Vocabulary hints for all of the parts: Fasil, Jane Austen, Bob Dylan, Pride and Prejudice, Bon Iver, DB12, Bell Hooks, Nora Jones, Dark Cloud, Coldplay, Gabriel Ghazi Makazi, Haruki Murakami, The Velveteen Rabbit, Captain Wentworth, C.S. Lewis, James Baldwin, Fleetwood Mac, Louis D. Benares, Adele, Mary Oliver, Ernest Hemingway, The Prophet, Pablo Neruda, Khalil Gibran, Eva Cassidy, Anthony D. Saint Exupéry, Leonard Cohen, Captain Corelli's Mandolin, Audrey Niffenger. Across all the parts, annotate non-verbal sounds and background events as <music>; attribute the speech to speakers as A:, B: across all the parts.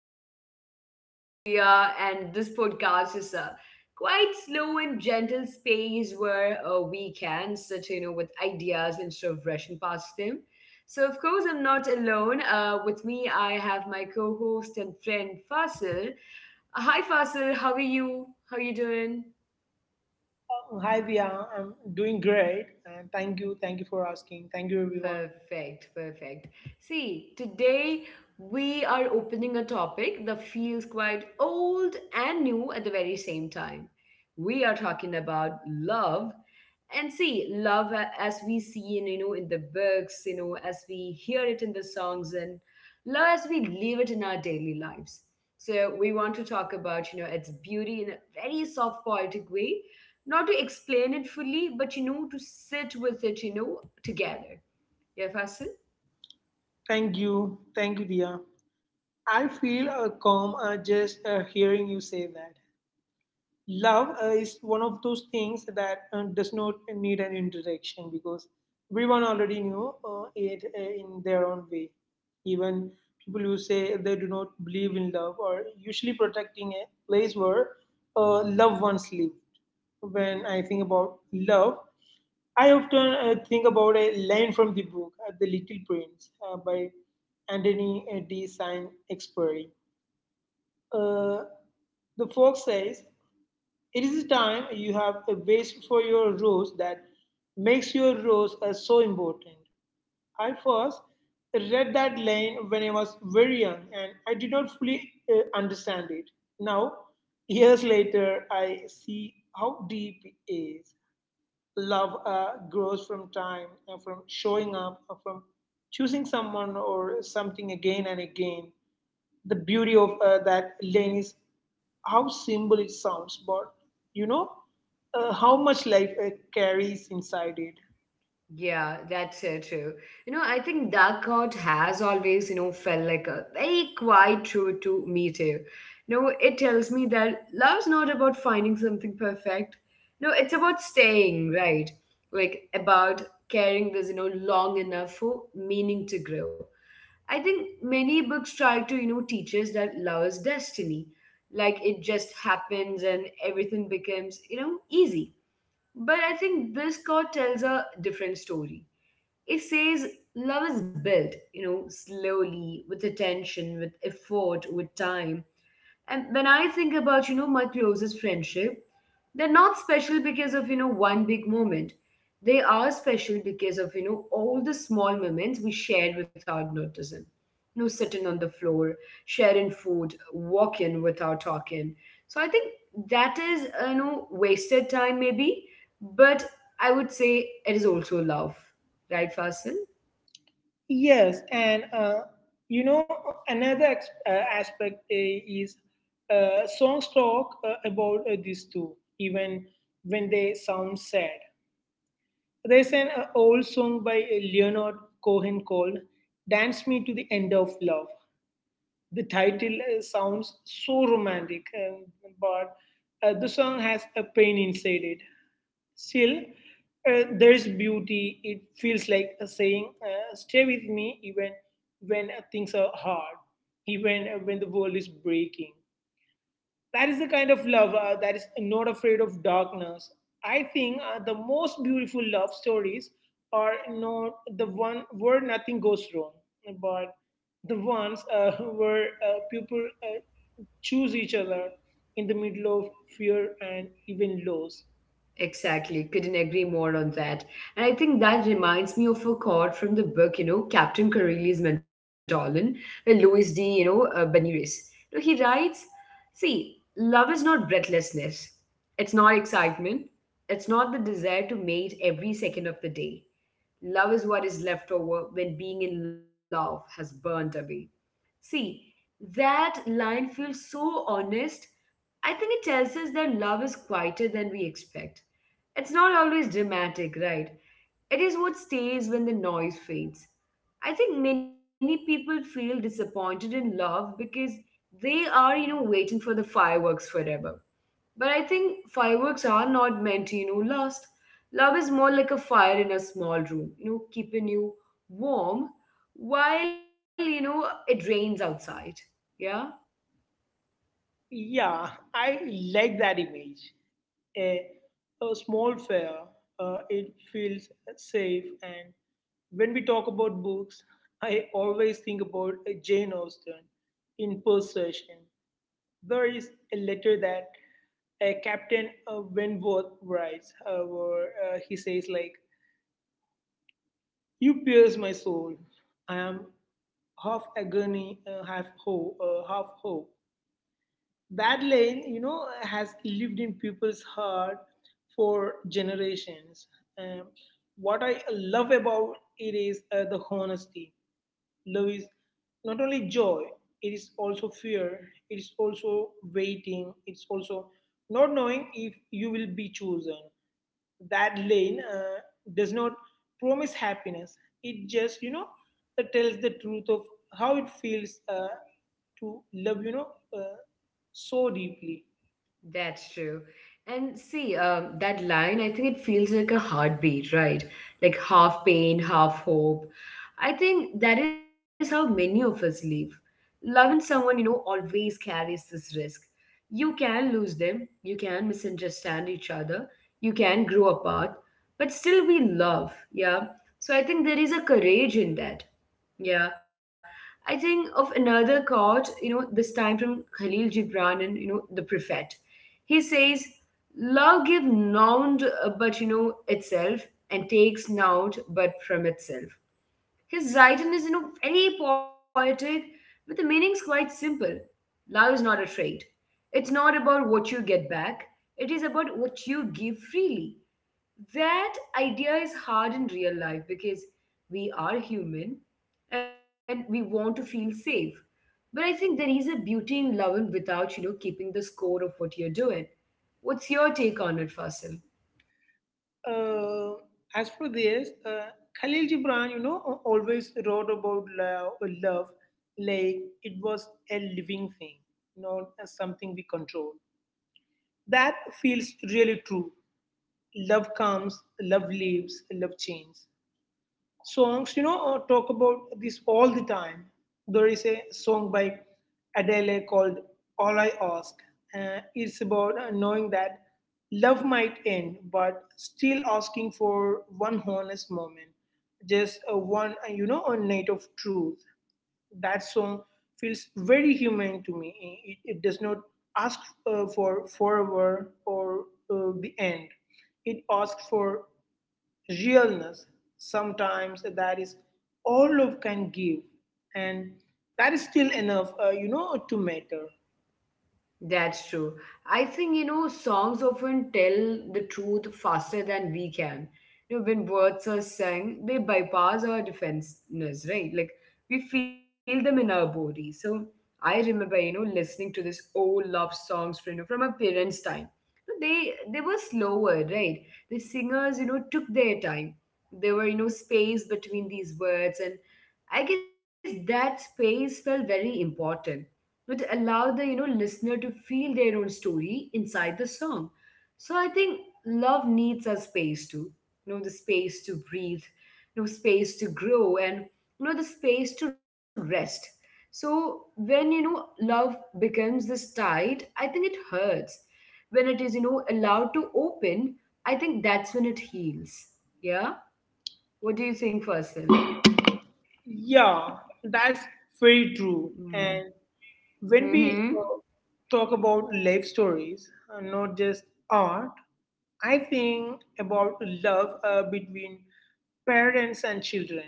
A: podcast. I am Dia, and this podcast is a quite slow and gentle space where we can sit with ideas instead of rushing past them. So, of course, I'm not alone. With me, I have my co-host and friend Fasil. Hi, Fasil. How are you? How are you doing?
B: Oh, hi Via, I'm doing great, and thank you for asking. Thank you everyone.
A: Perfect, perfect. See, today we are opening a topic that feels quite old and new at the very same time. We are talking about love. And see, love as we see in the books, as we hear it in the songs and love as we live it in our daily lives. So we want to talk about its beauty in a very soft poetic way, not to explain it fully, but to sit with it, together. Yeah, Fasil?
B: Thank you, thank you, Dia. I feel calm, just hearing you say that. Love is one of those things that does not need an introduction, because everyone already knew it in their own way. Even people who say they do not believe in love are usually protecting a place where loved ones live. When I think about love, I often think about a line from the book, The Little Prince, by Anthony D. Saint Exupéry. Uh, the fox says, "It is time you have a base for your rose that makes your rose so important." I first read that line when I was very young, and I did not fully understand it. Now, years later, I see how deep it is. Love grows from time and from showing up, from choosing someone or something again and again. The beauty of that lane is how simple it sounds, but, you know, how much life carries inside it.
A: Yeah, that's true. I think Dark Cloud has always felt like a very quiet truth to me too. It tells me that love's not about finding something perfect. No, it's about staying, right? Like about carrying this long enough for meaning to grow. I think many books try to teach us that love is destiny. Like it just happens and everything becomes easy. But I think this card tells a different story. It says love is built slowly, with attention, with effort, with time. And when I think about my closest friendship, they're not special because of one big moment. They are special because of all the small moments we shared without noticing. Sitting on the floor, sharing food, walking without talking. So I think that is wasted time maybe, but I would say it is also love. Right, Fasil?
B: Yes, and, you know, another aspect is, songs talk about this too, even when they sound sad. There's an old song by Leonard Cohen called Dance Me to the End of Love. The title sounds so romantic, but the song has a pain inside it. Still, there's beauty. It feels like a saying, "Stay with me even when things are hard, even when the world is breaking." That is the kind of love that is not afraid of darkness. I think the most beautiful love stories are not the one where nothing goes wrong, but the ones <laughs> where people choose each other in the middle of fear and even loss.
A: Exactly. Couldn't agree more on that. And I think that reminds me of a quote from the book, Captain Corelli's Mandolin, by Louis D. Benares. So he writes, "See, love is not breathlessness. It's not excitement. It's not the desire to mate every second of the day. Love is what is left over when being in love has burned away." See, that line feels so honest. I think it tells us that love is quieter than we expect. It's not always dramatic, right? It is what stays when the noise fades. I think many people feel disappointed in love because they are waiting for the fireworks forever. But I think fireworks are not meant to last. Love is more like a fire in a small room, keeping you warm while it rains outside. Yeah?
B: Yeah, I like that image. A, a small fair, it feels safe. And when we talk about books, I always think about Jane Austen in Possession. There is a letter that Captain Wentworth writes, where he says, like, "You pierce my soul. I am half agony, half hope. That lane, you know, has lived in people's heart for generations. um, what I love about it is the honesty. Love is not only joy, it is also fear, it is also waiting, it's also not knowing if you will be chosen. That lane does not promise happiness, it just, you know, tells the truth of how it feels to love, you know, uh, so deeply.
A: That's true. And see, that line, I think it feels like a heartbeat, right? Like half pain, half hope. I think that is how many of us live. Loving someone always carries this risk. You can lose them, you can misunderstand each other, you can grow apart, but still we love, yeah? So I think there is a courage in that. Yeah. I think of another quote, this time from Khalil Gibran and The Prophet. He says, Love give nought but itself and takes nought but from itself. His writing is very poetic, but the meaning is quite simple. Love is not a trade. It's not about what you get back. It is about what you give freely. That idea is hard in real life because we are human and we want to feel safe. But I think there is a beauty in loving without keeping the score of what you're doing. What's your take on it, Fasil?
B: uh, as for this, Khalil Gibran, you know, always wrote about love, like it was a living thing, not as something we control. That feels really true. Love comes, love leaves, love changes. Songs, you know, talk about this all the time. There is a song by Adele called All I Ask. It's about knowing that love might end but still asking for one honest moment, just one, you know, a night of truth. That song feels very human to me. It does not ask for forever or the end, it asks for realness. Sometimes that is all love can give. And that is still enough, you know, to matter.
A: That's true. I think songs often tell the truth faster than we can. When words are sung, they bypass our defenses, right? Like we feel them in our body. So I remember listening to this old love songs from my parents' time. They were slower, right? The singers took their time. There were space between these words, and I guess that space felt very important would allow the listener to feel their own story inside the song. So I think love needs a space to the space to breathe, space to grow, and the space to rest. So when love becomes this tight, I think it hurts when it is allowed to open. I think that's when it heals. Yeah. What do you think, Faisal?
B: Yeah, that's
A: Mm.
B: very true. And
A: Hmm.
B: when we talk about life stories, not just art, I think about love between parents and children.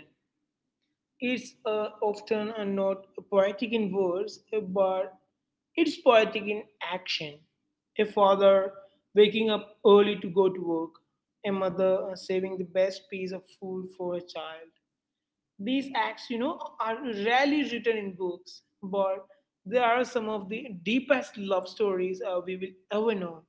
B: It's often not poetic in words, but it's poetic in action. A father waking up early to go to work, a mother saving the best piece of food for a child. These acts, you know, are rarely written in books, but they are some of the deepest love stories we will ever know.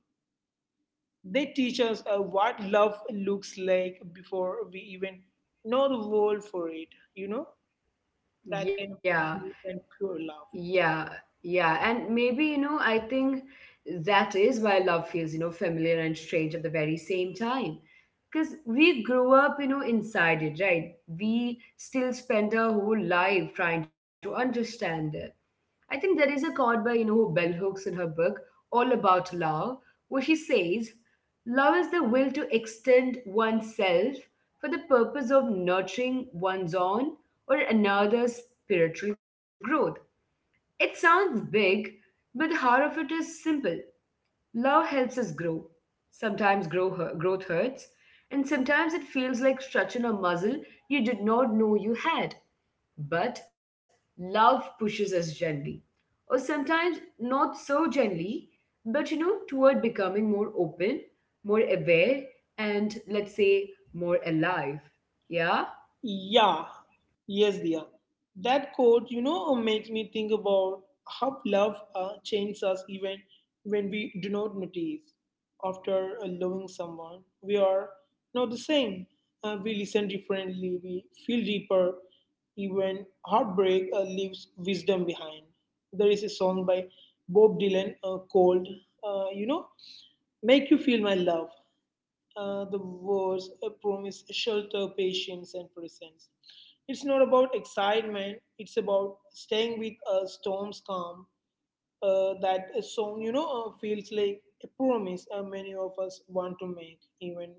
B: They teach us what love looks like before we even know the word for it, you know? That kind
A: Yeah.
B: of deep and pure love.
A: Yeah, yeah. And maybe, I think that is why love feels familiar and strange at the very same time. Because we grew up inside it, right? We still spend our whole life trying to understand it. I think there is a quote by Bell Hooks in her book, All About Love, where she says, Love is the will to extend oneself for the purpose of nurturing one's own or another's spiritual growth. It sounds big, but the heart of it is simple. Love helps us grow. Sometimes growth hurts, and sometimes it feels like stretching a muscle you did not know you had. But love pushes us gently, or sometimes not so gently, but toward becoming more open, more aware, and let's say more alive. Yeah?
B: Yeah, yes, dear. That quote, you know, makes me think about how love changes us even when we do not notice. After loving someone, we are not the same. We listen differently, we feel deeper. Even heartbreak leaves wisdom behind. There is a song by Bob Dylan called, you know, Make You Feel My Love. The wars promise shelter, patience, and presence. It's not about excitement, it's about staying with a storm's calm. That a song, you know, feels like a promise many of us want to make, even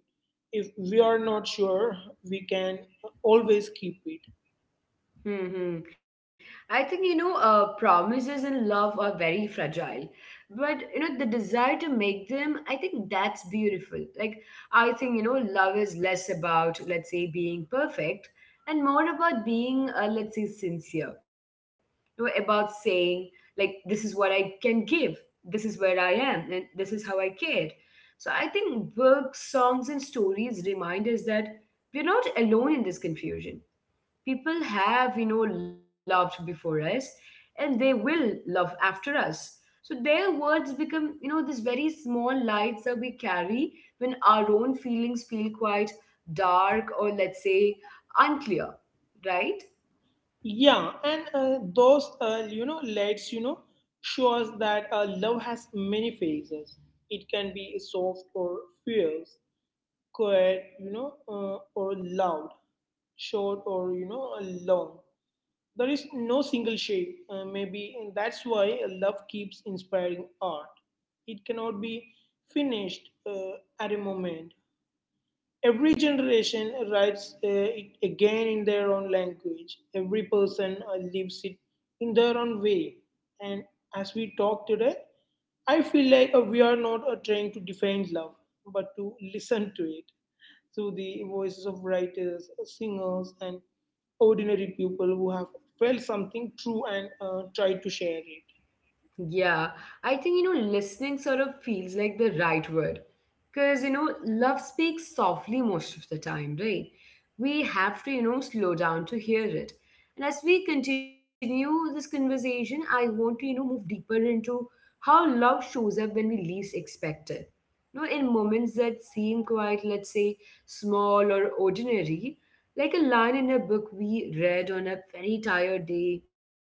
B: if we are not sure we can always keep it.
A: Hmm. I think promises in love are very fragile, but the desire to make them. I think that's beautiful. Like I think love is less about let's say being perfect and more about being let's say sincere. About saying like this is what I can give, this is where I am, and this is how I cared. So I think books, songs, and stories remind us that we're not alone in this confusion. People have loved before us, and they will love after us, so their words become these very small lights that we carry when our own feelings feel quite dark or let's say unclear, right?
B: Yeah, and those, you know, lights, you know, show us that love has many phases. It can be soft or fierce, quiet, you know, or loud, short or, you know, long. There is no single shape. Maybe, and that's why love keeps inspiring art. It cannot be finished at a moment. Every generation writes it again in their own language. Every person lives it in their own way. And as we talk today, I feel like we are not trying to define love, but to listen to it through the voices of writers, singers, and ordinary people who have felt something true and tried to share it.
A: Yeah, I think listening sort of feels like the right word because love speaks softly most of the time, right? We have to slow down to hear it. And as we continue this conversation, I want to move deeper into how love shows up when we least expect it. In moments that seem quite, let's say, small or ordinary, like a line in a book we read on a very tired day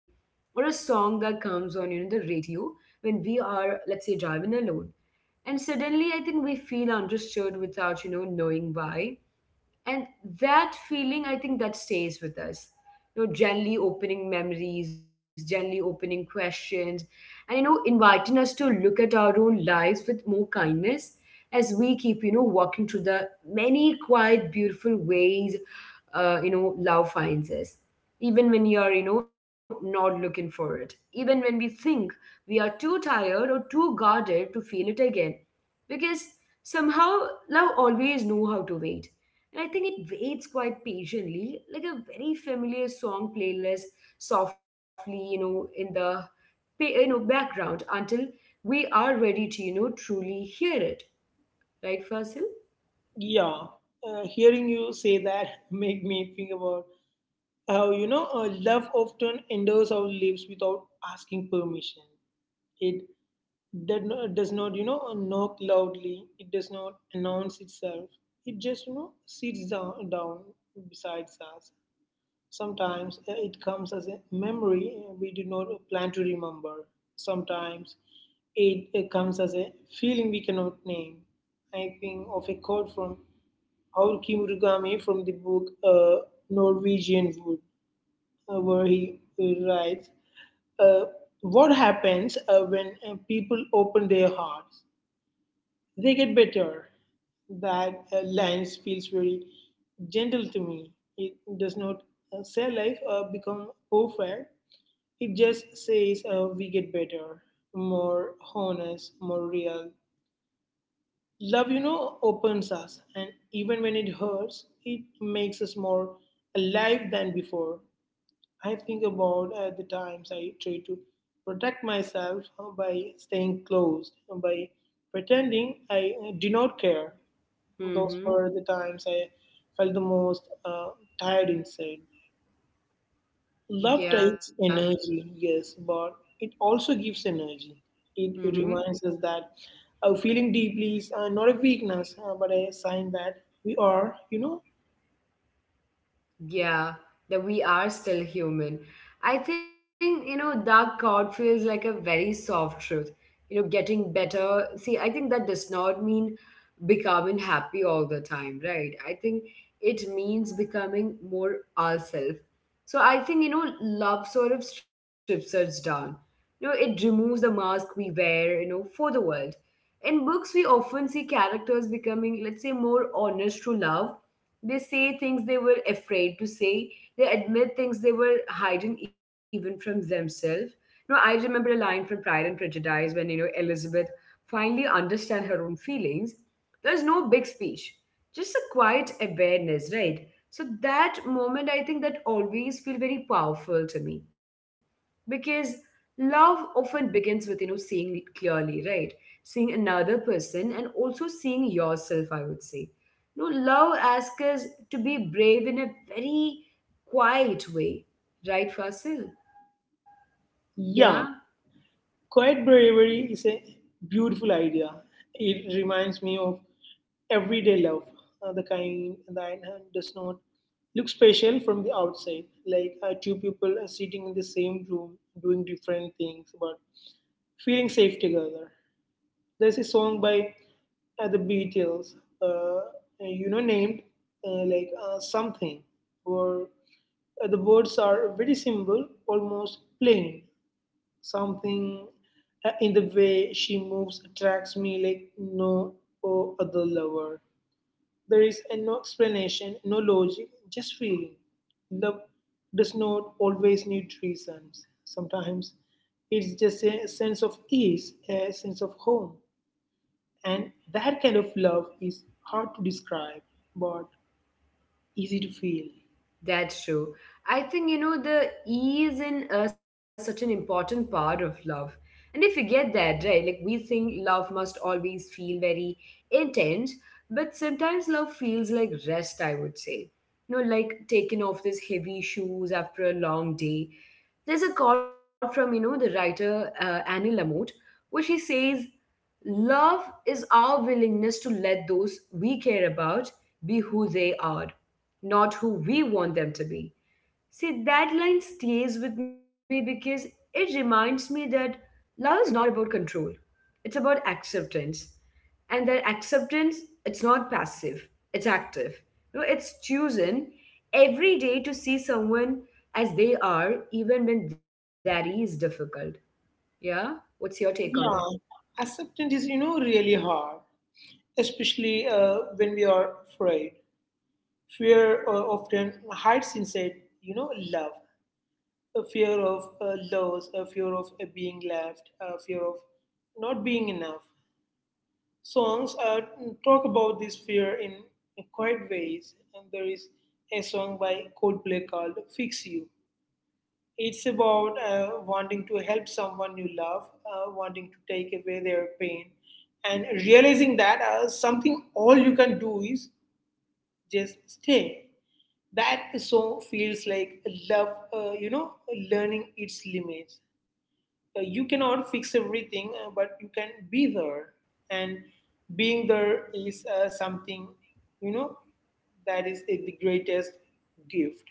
A: or a song that comes on the radio when we are let's say driving alone, and suddenly I think we feel understood without knowing why. And that feeling, I think that stays with us, gently opening memories, gently opening questions, and inviting us to look at our own lives with more kindness as we keep walking through the many quiet beautiful ways love finds us even when you are not looking for it, even when we think we are too tired or too guarded to feel it again, because somehow love always know how to wait. And I think it waits quite patiently, like a very familiar song playlist softly in the background until we are ready to truly hear it, right, Fasil?
B: Yeah, hearing you say that <laughs> make me think about. You know, love often enters our lives without asking permission. It did not, does not, you know, knock loudly. It does not announce itself. It just, you know, sits down beside us. Sometimes it comes as a memory we did not plan to remember. Sometimes it comes as a feeling we cannot name. I think of a quote from Aul Murakami from the book, Norwegian Wood, where he writes, uh, "What happens when people open their hearts? They get better." That line feels very gentle to me. It does not say life become perfect, it just says we get better, more honest, more real. Love, you know, opens us, and even when it hurts, it makes us more alive than before. I think about the times I try to protect myself by staying closed, by pretending I do not care. Those
A: Mm-hmm.
B: were the times I felt the most tired inside. Love
A: Yeah.
B: takes energy, yes, but it also gives energy. It
A: Mm-hmm.
B: reminds us that feeling deeply is not a weakness, but a sign that we are, you know,
A: Yeah, that we are still human. I think Dark Cloud feels like a very soft truth. Getting better. See, I think that does not mean becoming happy all the time, right? I think it means becoming more ourselves. So I think love sort of strips us down. It removes the mask we wear for the world. In books, we often see characters becoming, let's say, more honest to love. They say things they were afraid to say. They admit things they were hiding even from themselves. I remember a line from Pride and Prejudice when Elizabeth finally understands her own feelings. There's no big speech, just a quiet awareness, right? So that moment, I think that always feel very powerful to me because love often begins with seeing clearly, right? Seeing another person and also seeing yourself, I would say, no, love asks us to be brave in a very quiet way, right, Fasil? Yeah.
B: young. Quiet bravery is a beautiful idea. It reminds me of everyday love, the kind that does not look special from the outside, like two people are sitting in the same room doing different things but feeling safe together. There's a song by the Beatles, uh, you know, named like something, or the words are very simple, almost plain, "Something in the way she moves attracts me like no other lover." There is no explanation, no logic, just feeling. Love does not always need reasons. Sometimes it's just a sense of ease, a sense of home. And that kind of love is hard to describe, but easy to feel.
A: That's true. I think the ease in such an important part of love. And if we get that, right? Like, we think love must always feel very intense, but sometimes love feels like rest, I would say. You know, like taking off these heavy shoes after a long day. There's a quote from, you know, the writer Annie Lamott, where she says, love is our willingness to let those we care about be who they are, not who we want them to be. See, that line stays with me because it reminds me that love is not about control, it's about acceptance. And that acceptance, it's not passive, it's active. You know, it's choosing every day to see someone as they are, even when that is difficult. Yeah? What's your take on it?
B: Yeah, acceptance is, you know, really hard, especially when we are afraid. Fear often hides inside, you know, love. A fear of loss, a fear of being left, a fear of not being enough. Songs talk about this fear in quiet ways. And there is a song by Coldplay called "Fix You." It's about wanting to help someone you love, wanting to take away their pain, and realizing that something all you can do is just stay. That song feels like love, you know, learning its limits. You cannot fix everything, but you can be there. And being there is something, you know, that is the greatest gift.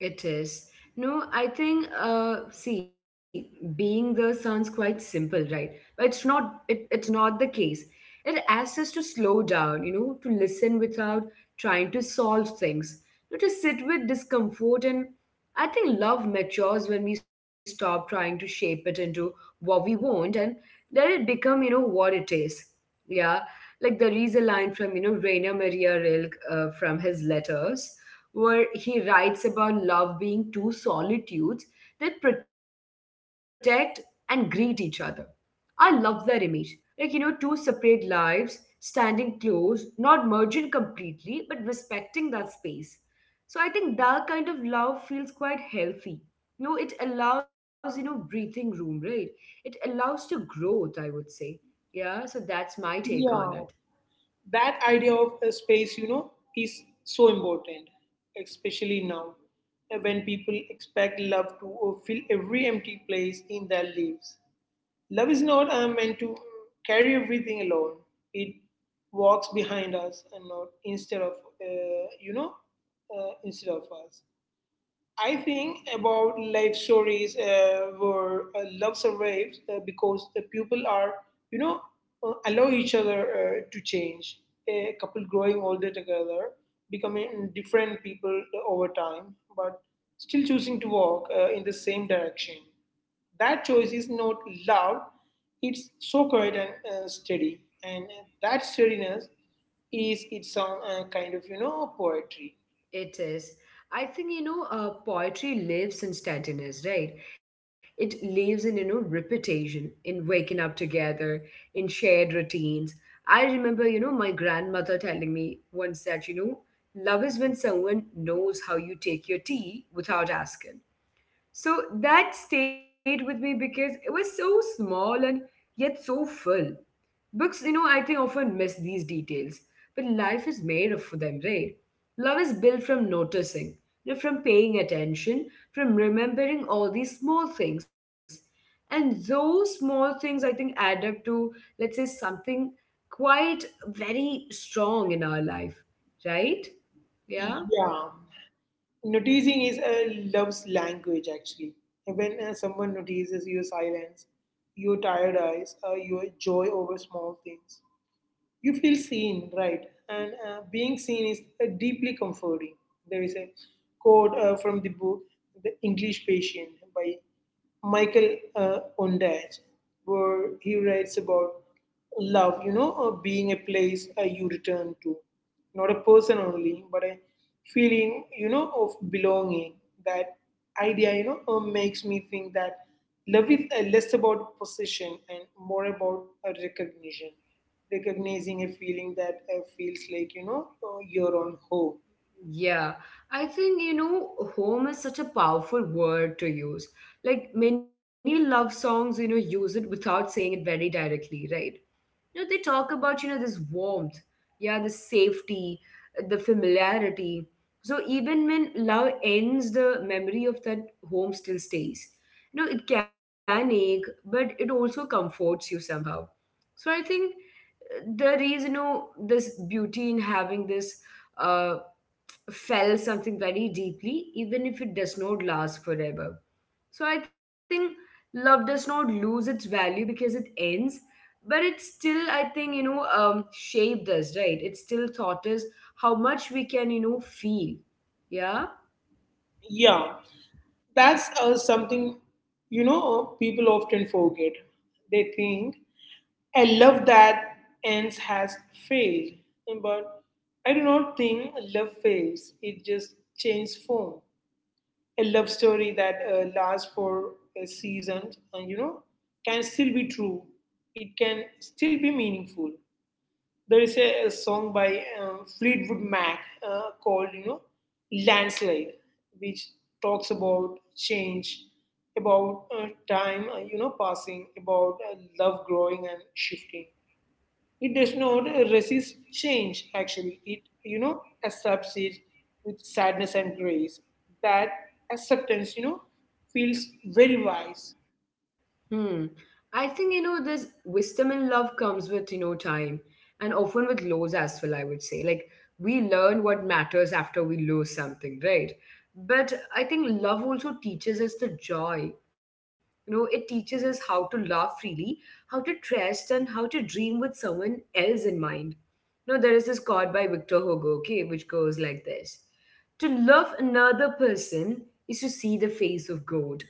A: It is. No, I think see, being the sounds quite simple, right? But it's not, it's not the case. It asks us to slow down, you know, to listen without trying to solve things, you know, to sit with discomfort. And I think love matures when we stop trying to shape it into what we want and let it become, you know, what it is. Yeah. Like there is a line from, you know, Rainer Maria Rilke, from his letters, where he writes about love being two solitudes that protect and greet each other. I love that image. Like, you know, two separate lives standing close, not merging completely, but respecting that space. So I think that kind of love feels quite healthy. You know, it allows, you know, breathing room, right? It allows to growth, I would say. Yeah, so that's my take on
B: Yeah.
A: it.
B: That idea of a space, you know, is so important, especially now when people expect love to fill every empty place in their lives. Love is not meant to carry everything alone. It walks behind us and not uh, you know, instead of us. I think about life stories where love survives because the people are, you know, allow each other to change. A couple growing older together, becoming different people over time, but still choosing to walk in the same direction. That choice is not loud, it's so quiet and steady. And that steadiness is its own kind of, you know, poetry.
A: It is. I think, you know, poetry lives in steadiness, right? It lives in, you know, repetition, in waking up together, in shared routines. I remember, you know, my grandmother telling me once that, you know, love is when someone knows how you take your tea without asking. So that stayed with me because it was so small and yet so full. Books, you know, I think often miss these details, but life is made of them, right? Love is built from noticing, you know, from paying attention, from remembering all these small things. And those small things, I think, add up to, let's say, something quite very strong in our life, right? Yeah?
B: Yeah, noticing is a love's language, actually. When someone notices your silence, your tired eyes, your joy over small things, you feel seen, right? And being seen is deeply comforting. There is a quote from the book The English Patient by Michael Ondaatje, where he writes about love, being a place you return to, not a person only, but a feeling, of belonging. That idea, makes me think that love is less about possession and more about recognition. Recognizing a feeling that feels like, your own home.
A: Yeah, I think, you know, home is such a powerful word to use. Like, many love songs, you know, use it without saying it very directly, right? You know, they talk about, you know, this warmth, yeah, the safety, the familiarity. So even when love ends, the memory of that home still stays. You know, it can ache, but it also comforts you somehow. So I think there is, you know, this beauty in having this uh, felt something very deeply, even if it does not last forever. So I think love does not lose its value because it ends, but it still, I think, you know, shaped us, right? It still taught us how much we can, you know, feel. Yeah.
B: Yeah, that's something, people often forget. They think I love that ends has failed, but I do not think love fails. It just changes form. A love story that lasts for a season, and can still be true. It can still be meaningful. There is a song by Fleetwood Mac called, Landslide, which talks about change, about time, passing, about love growing and shifting. It does not resist change, actually. It, accepts it with sadness and grace. That acceptance, feels very wise.
A: Hmm. I think, you know, this wisdom and love comes with, you know, time, and often with lows as well, I would say. Like, we learn what matters after we lose something, right? But I think love also teaches us the joy. You know, it teaches us how to love freely, how to trust, and how to dream with someone else in mind. You know, there is this quote by Victor Hugo, okay, which goes like this: to love another person is to see the face of God.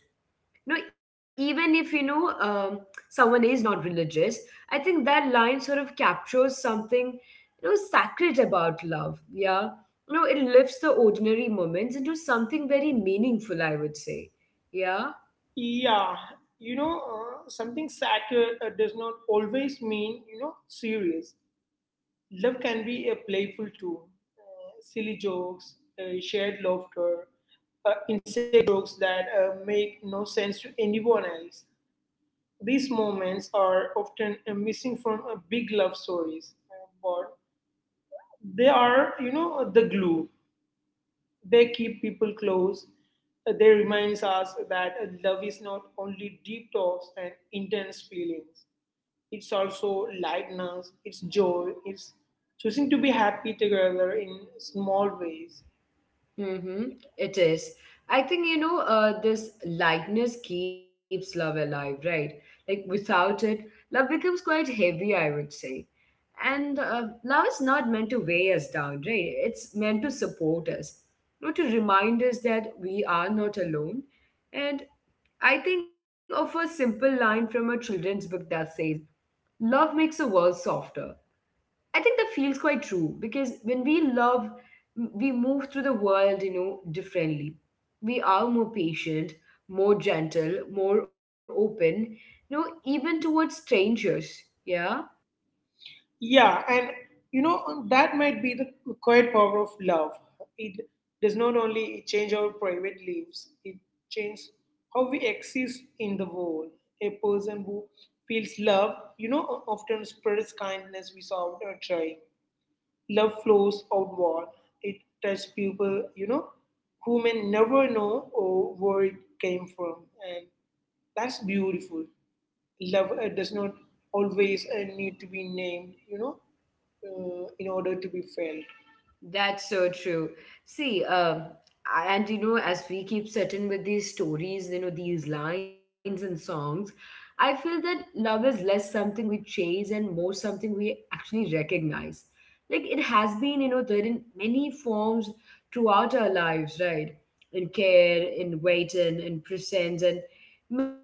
A: No, even if, you know, someone is not religious, I think that line sort of captures something, you know, sacred about love, yeah. You know, it lifts the ordinary moments into something very meaningful, I would say. Yeah.
B: Yeah, something sacred does not always mean, serious. Love can be a playful too. Silly jokes, shared laughter, inside jokes that make no sense to anyone else. These moments are often missing from big love stories, but they are, the glue. They keep people close. They reminds us that love is not only deep talks and intense feelings. It's also lightness. It's joy. It's choosing to be happy together in small ways.
A: Mm-hmm. It is. I think, you know, this lightness keeps love alive, right? Like, without it, love becomes quite heavy, I would say. And love is not meant to weigh us down, right? It's meant to support us, not to remind us that we are not alone. And I think of a simple line from a children's book that says, love makes the world softer. I think that feels quite true because when we love, we move through the world, you know, differently. We are more patient, more gentle, more open, you know, even towards strangers. Yeah.
B: Yeah, and you know that might be the quiet power of love. It does not only change our private lives; it changes how we exist in the world. A person who feels love, often spreads kindness without trying. Love flows outward. It touches people, who may never know or where it came from, and that's beautiful. Love does not always need to be named, in order to be felt.
A: That's so true. See, and you know, as we keep sitting with these stories, you know, these lines and songs, I feel that love is less something we chase and more something we actually recognize. Like, it has been, you know, there in many forms throughout our lives, right? In care, in waiting, in presence. And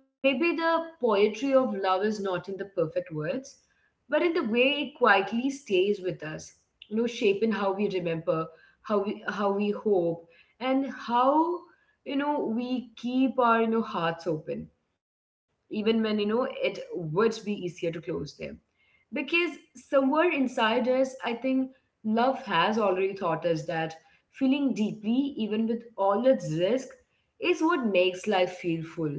A: maybe the poetry of love is not in the perfect words, but in the way it quietly stays with us, you know, shape in how we remember, how we hope, and how, you know, we keep our, you know, hearts open even when, you know, it would be easier to close them. Because somewhere inside us, I think, love has already taught us that feeling deeply, even with all its risk, is what makes life feel full.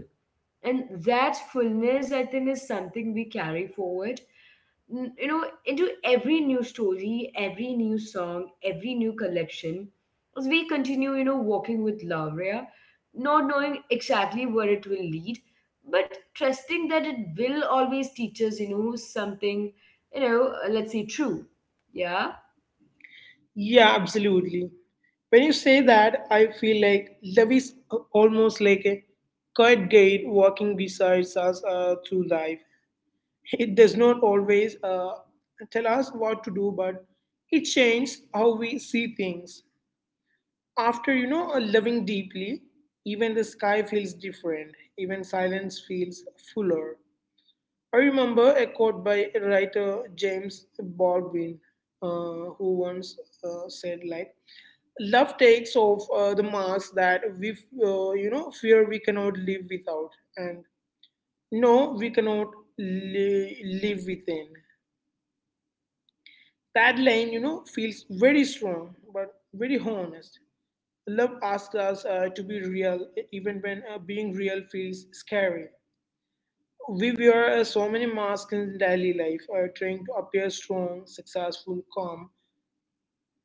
A: And that fullness, I think, is something we carry forward, you know, into every new story, every new song, every new collection, as we continue, you know, walking with love, yeah, not knowing exactly where it will lead, but trusting that it will always teach us, you know, something, you know, let's say true. Yeah.
B: Yeah, absolutely. When you say that, I feel like love is almost like a quiet guide walking beside us through life. It does not always tell us what to do, but it changes how we see things. After loving deeply, even the sky feels different. Even silence feels fuller. I remember a quote by writer James Baldwin, who once said, "Like love takes off the mask that we, fear we cannot live without, and no, we cannot live within." That line, feels very strong but very honest. Love asks us to be real, even when being real feels scary. We wear so many masks in daily life, trying to appear strong, successful, calm.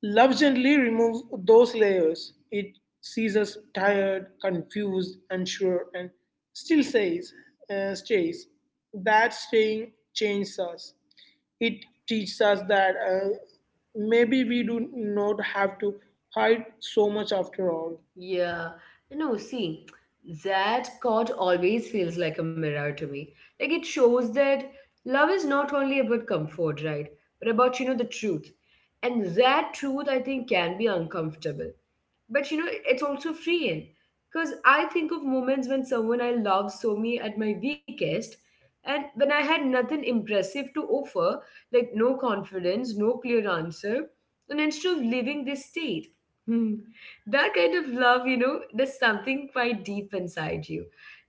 B: Love gently removes those layers. It sees us tired, confused, unsure, and still says, stays. That staying changes us. It teaches us that maybe we do not have to hide so much after all.
A: Yeah, no, see, that quote always feels like a mirror to me. Like, it shows that love is not only about comfort, right? But about, you know, the truth. And that truth, I think, can be uncomfortable, but you know, it's also freeing. Because I think of moments when someone I love saw me at my weakest, and when I had nothing impressive to offer, like no confidence, no clear answer, and instead of leaving this state. Hmm, that kind of love, you know, there's something quite deep inside you.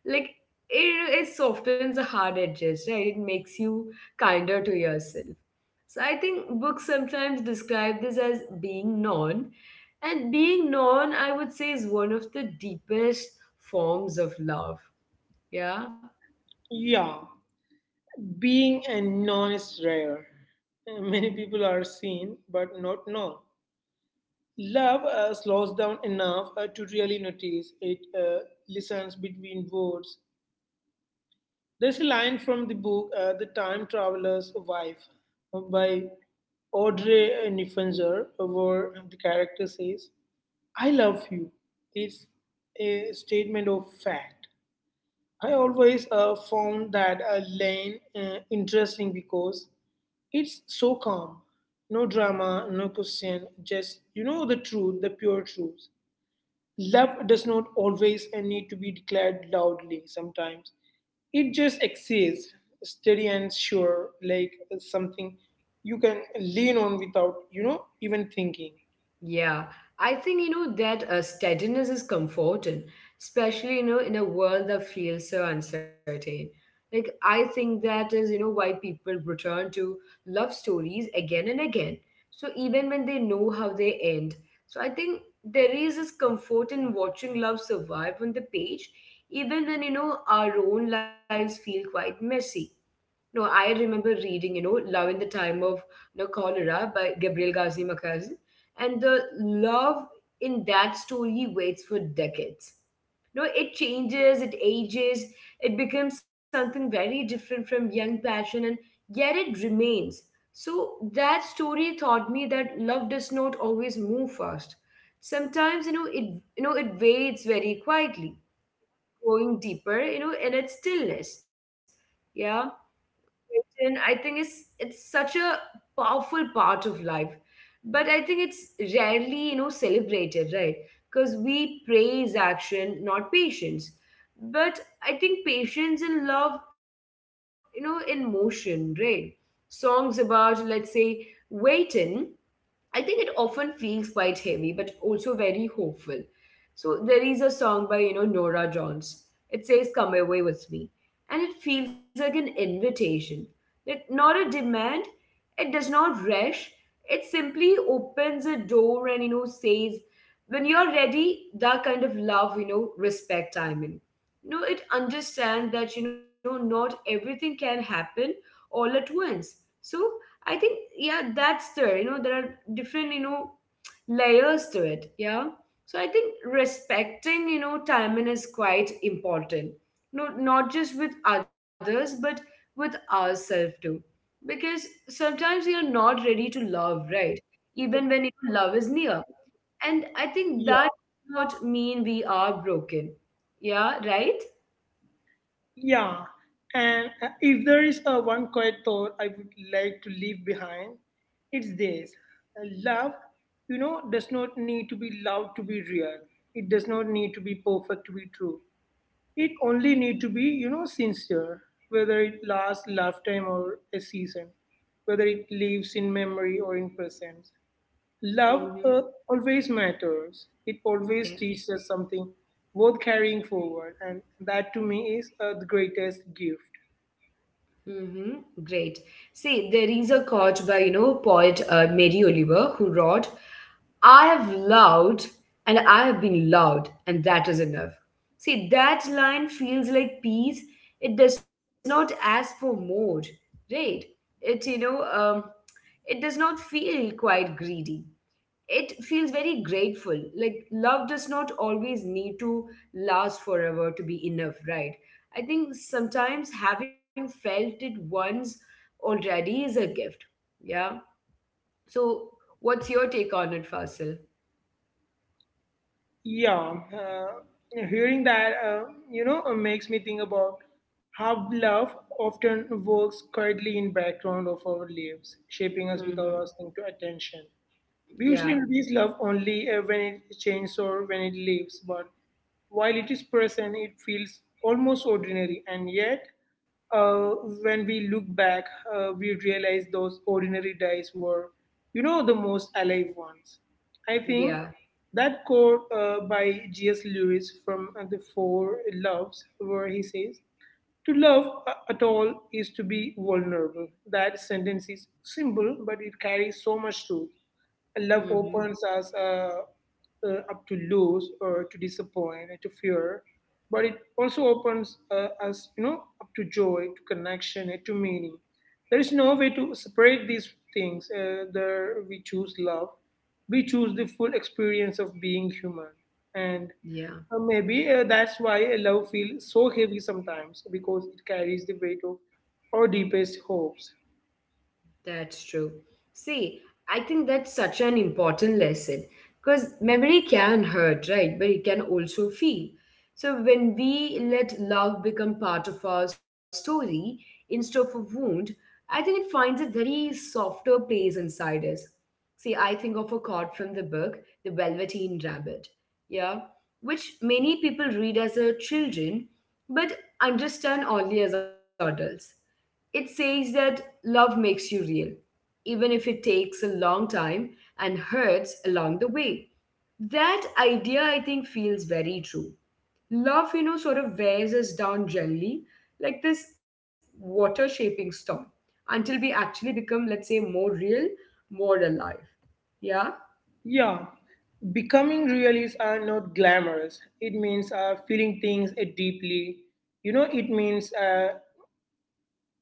A: Like, it softens the hard edges, right? It makes you kinder to yourself. So I think books sometimes describe this as being known. And being known, I would say, is one of the deepest forms of love. Yeah.
B: Yeah, being a non is rare. Many people are seen but not known. Love slows down enough to really notice. It listens between words. There's a line from the book The Time Traveler's Wife by Audrey Niffenger, where the character says, I love you. It's a statement of fact. I always found that lane interesting because it's so calm. No drama, no question, just you know the truth, the pure truth. Love does not always need to be declared loudly sometimes. It just exists, steady and sure, like something you can lean on without, even thinking.
A: Yeah, I think, you know, that steadiness is comforting, especially you know in a world that feels so uncertain. Like, I think that is, you know, why people return to love stories again and again. So even when they know how they end, so I think there is this comfort in watching love survive on the page, even when, you know, our own lives feel quite messy. No, I remember reading, you know, Love in the Time of, you know, Cholera by Gabriel Ghazi Makazi. And the love in that story waits for decades. No, it changes, it ages, it becomes something very different from young passion, and yet it remains. So that story taught me that love does not always move fast. Sometimes, you know, it waits very quietly, going deeper, you know, in its stillness. Yeah. Question, I think, is it's such a powerful part of life, but I think it's rarely, you know, celebrated, right? Because we praise action, not patience. But I think patience and love, you know, in motion, right? Songs about, let's say, waiting, I think it often feels quite heavy, but also very hopeful. So there is a song by, you know, Nora Jones. It says, "Come away with me," and it feels like an invitation, like not a demand. It does not rush. It simply opens a door and, you know, says, "When you're ready." That kind of love, you know, respect, timing. You know, it understands that, you know, not everything can happen all at once. So I think, yeah, that's there. You know, there are different, you know, layers to it. Yeah. So I think respecting, you know, timing is quite important. No, not just with others, but with ourselves too. Because sometimes we are not ready to love, right? Even when, you know, love is near. And I think that does not mean we are broken. Yeah, right?
B: Yeah, and if there is a one quiet thought I would like to leave behind, it's this: love, does not need to be loved to be real. It does not need to be perfect to be true. It only need to be, sincere. Whether it lasts lifetime or a season, whether it lives in memory or in presence, love
A: Mm-hmm.
B: always matters. It always
A: Yeah.
B: teaches us something worth carrying forward, and that to me is the greatest gift.
A: Mm-hmm. Great. See, there is a quote by, you know, poet Mary Oliver, who wrote, I have loved and I have been loved, and that is enough. See, that line feels like peace. It does not ask for more, right? It, you know, it does not feel quite greedy, it feels very grateful. Like, love does not always need to last forever to be enough, right? I think sometimes having felt it once already is a gift. Yeah. So, what's your take on it, Fasil?
B: Yeah, hearing that, makes me think about how love often works quietly in background of our lives, shaping us without
A: Mm-hmm.
B: asking to attention. We usually
A: Yeah.
B: notice love only when it changes or when it leaves, but while it is present, it feels almost ordinary. And yet, uh, when we look back, we realize those ordinary days were, the most alive ones. I think
A: Yeah.
B: that quote by G.S. Lewis from The Four Loves, where he says, to love at all is to be vulnerable. That sentence is simple, but it carries so much truth. Love
A: Mm-hmm.
B: opens us up to lose or to disappoint and to fear, but it also opens us, up to joy, to connection, and to meaning. There is no way to separate these things. There we choose love, we choose the full experience of being human, and
A: Yeah.
B: maybe that's why love feels so heavy sometimes, because it carries the weight of our deepest hopes.
A: That's true. See, I think that's such an important lesson because memory can hurt, right? But it can also feel. So when we let love become part of our story instead of a wound, I think it finds a very softer place inside us. See, I think of a quote from the book, The Velveteen Rabbit, yeah, which many people read as a children but understand only as adults. It says that love makes you real, even if it takes a long time and hurts along the way. That idea, I think, feels very true. Love, sort of wears us down gently, like this water shaping storm, until we actually become, let's say, more real, more alive. Yeah?
B: Yeah, becoming realists are not glamorous. It means feeling things deeply. You know, it means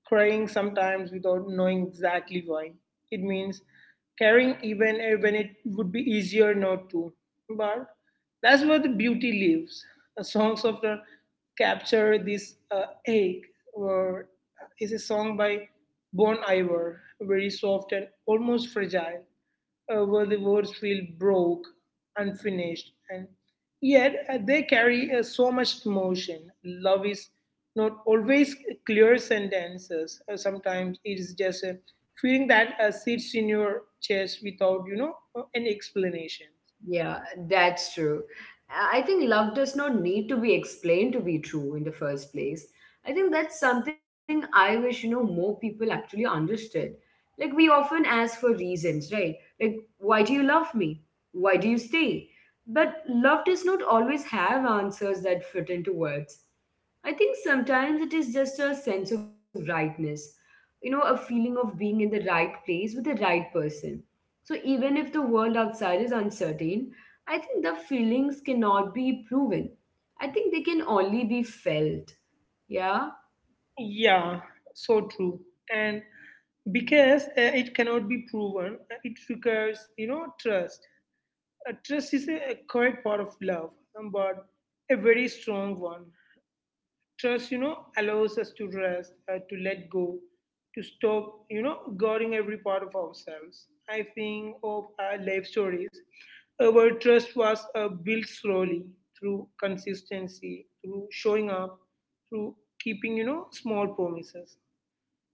B: crying sometimes without knowing exactly why. It means caring even when it would be easier not to. But that's where the beauty lives. The songs often capture this ache, or is a song by Bon Iver, very soft and almost fragile, where the words feel broke, unfinished, and yet they carry so much emotion. Love is not always clear sentences. Sometimes it is just a feeling that sits in your chest without, any explanation.
A: Yeah, that's true. I think love does not need to be explained to be true in the first place. I think that's something I wish, more people actually understood. Like, we often ask for reasons, right? Like, why do you love me? Why do you stay? But love does not always have answers that fit into words. I think sometimes it is just a sense of rightness, a feeling of being in the right place with the right person. So even if the world outside is uncertain, I think the feelings cannot be proven. I think they can only be felt. Yeah,
B: Yeah, so true. And because it cannot be proven, it requires, trust. Trust is a correct part of love, but a very strong one. Trust, allows us to rest, to let go, to stop, guarding every part of ourselves. I think of our life stories where trust was built slowly through consistency, through showing up, through keeping, small promises.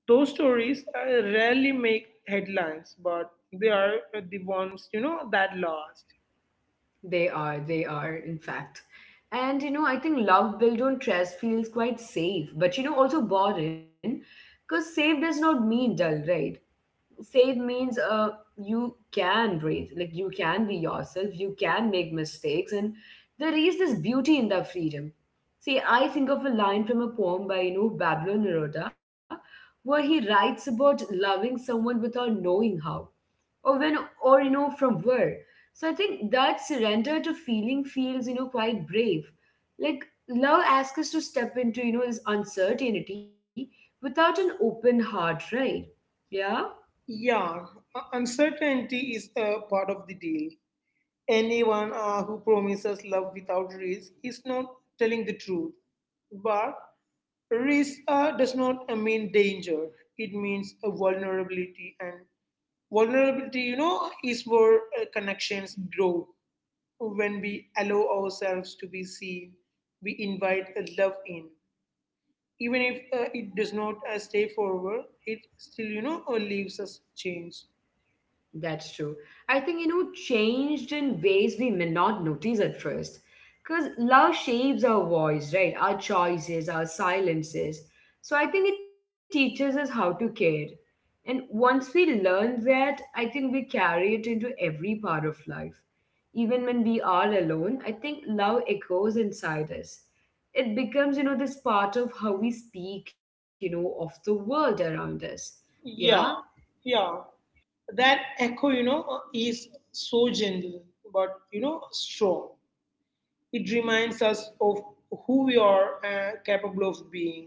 B: Those stories rarely make headlines, but they are the ones, that last.
A: they are. They are, in fact. And I think love built on trust feels quite safe, but also boring because safe does not mean dull, right? Save means you can breathe, like you can be yourself, you can make mistakes, and there is this beauty in that freedom. See, I think of a line from a poem by, Bablo Naroda, where he writes about loving someone without knowing how or when or, from where. So I think that surrender to feeling feels, quite brave. Like love asks us to step into, this uncertainty without an open heart, right? Yeah.
B: Yeah, uncertainty is a part of the deal. Anyone who promises love without risk is not telling the truth. But risk does not mean danger, it means a vulnerability. And vulnerability, is where connections grow. When we allow ourselves to be seen, we invite a love in. Even if it does not stay forever, it still, leaves us change.
A: That's true. I think, you know, changed in ways we may not notice at first. Because love shapes our voice, right? Our choices, our silences. So I think it teaches us how to care. And once we learn that, I think we carry it into every part of life. Even when we are alone, I think love echoes inside us. It becomes, you know, this part of how we speak, you know, of the world around us. Yeah.
B: Yeah, yeah. That echo, is so gentle but, strong. It reminds us of who we are capable of being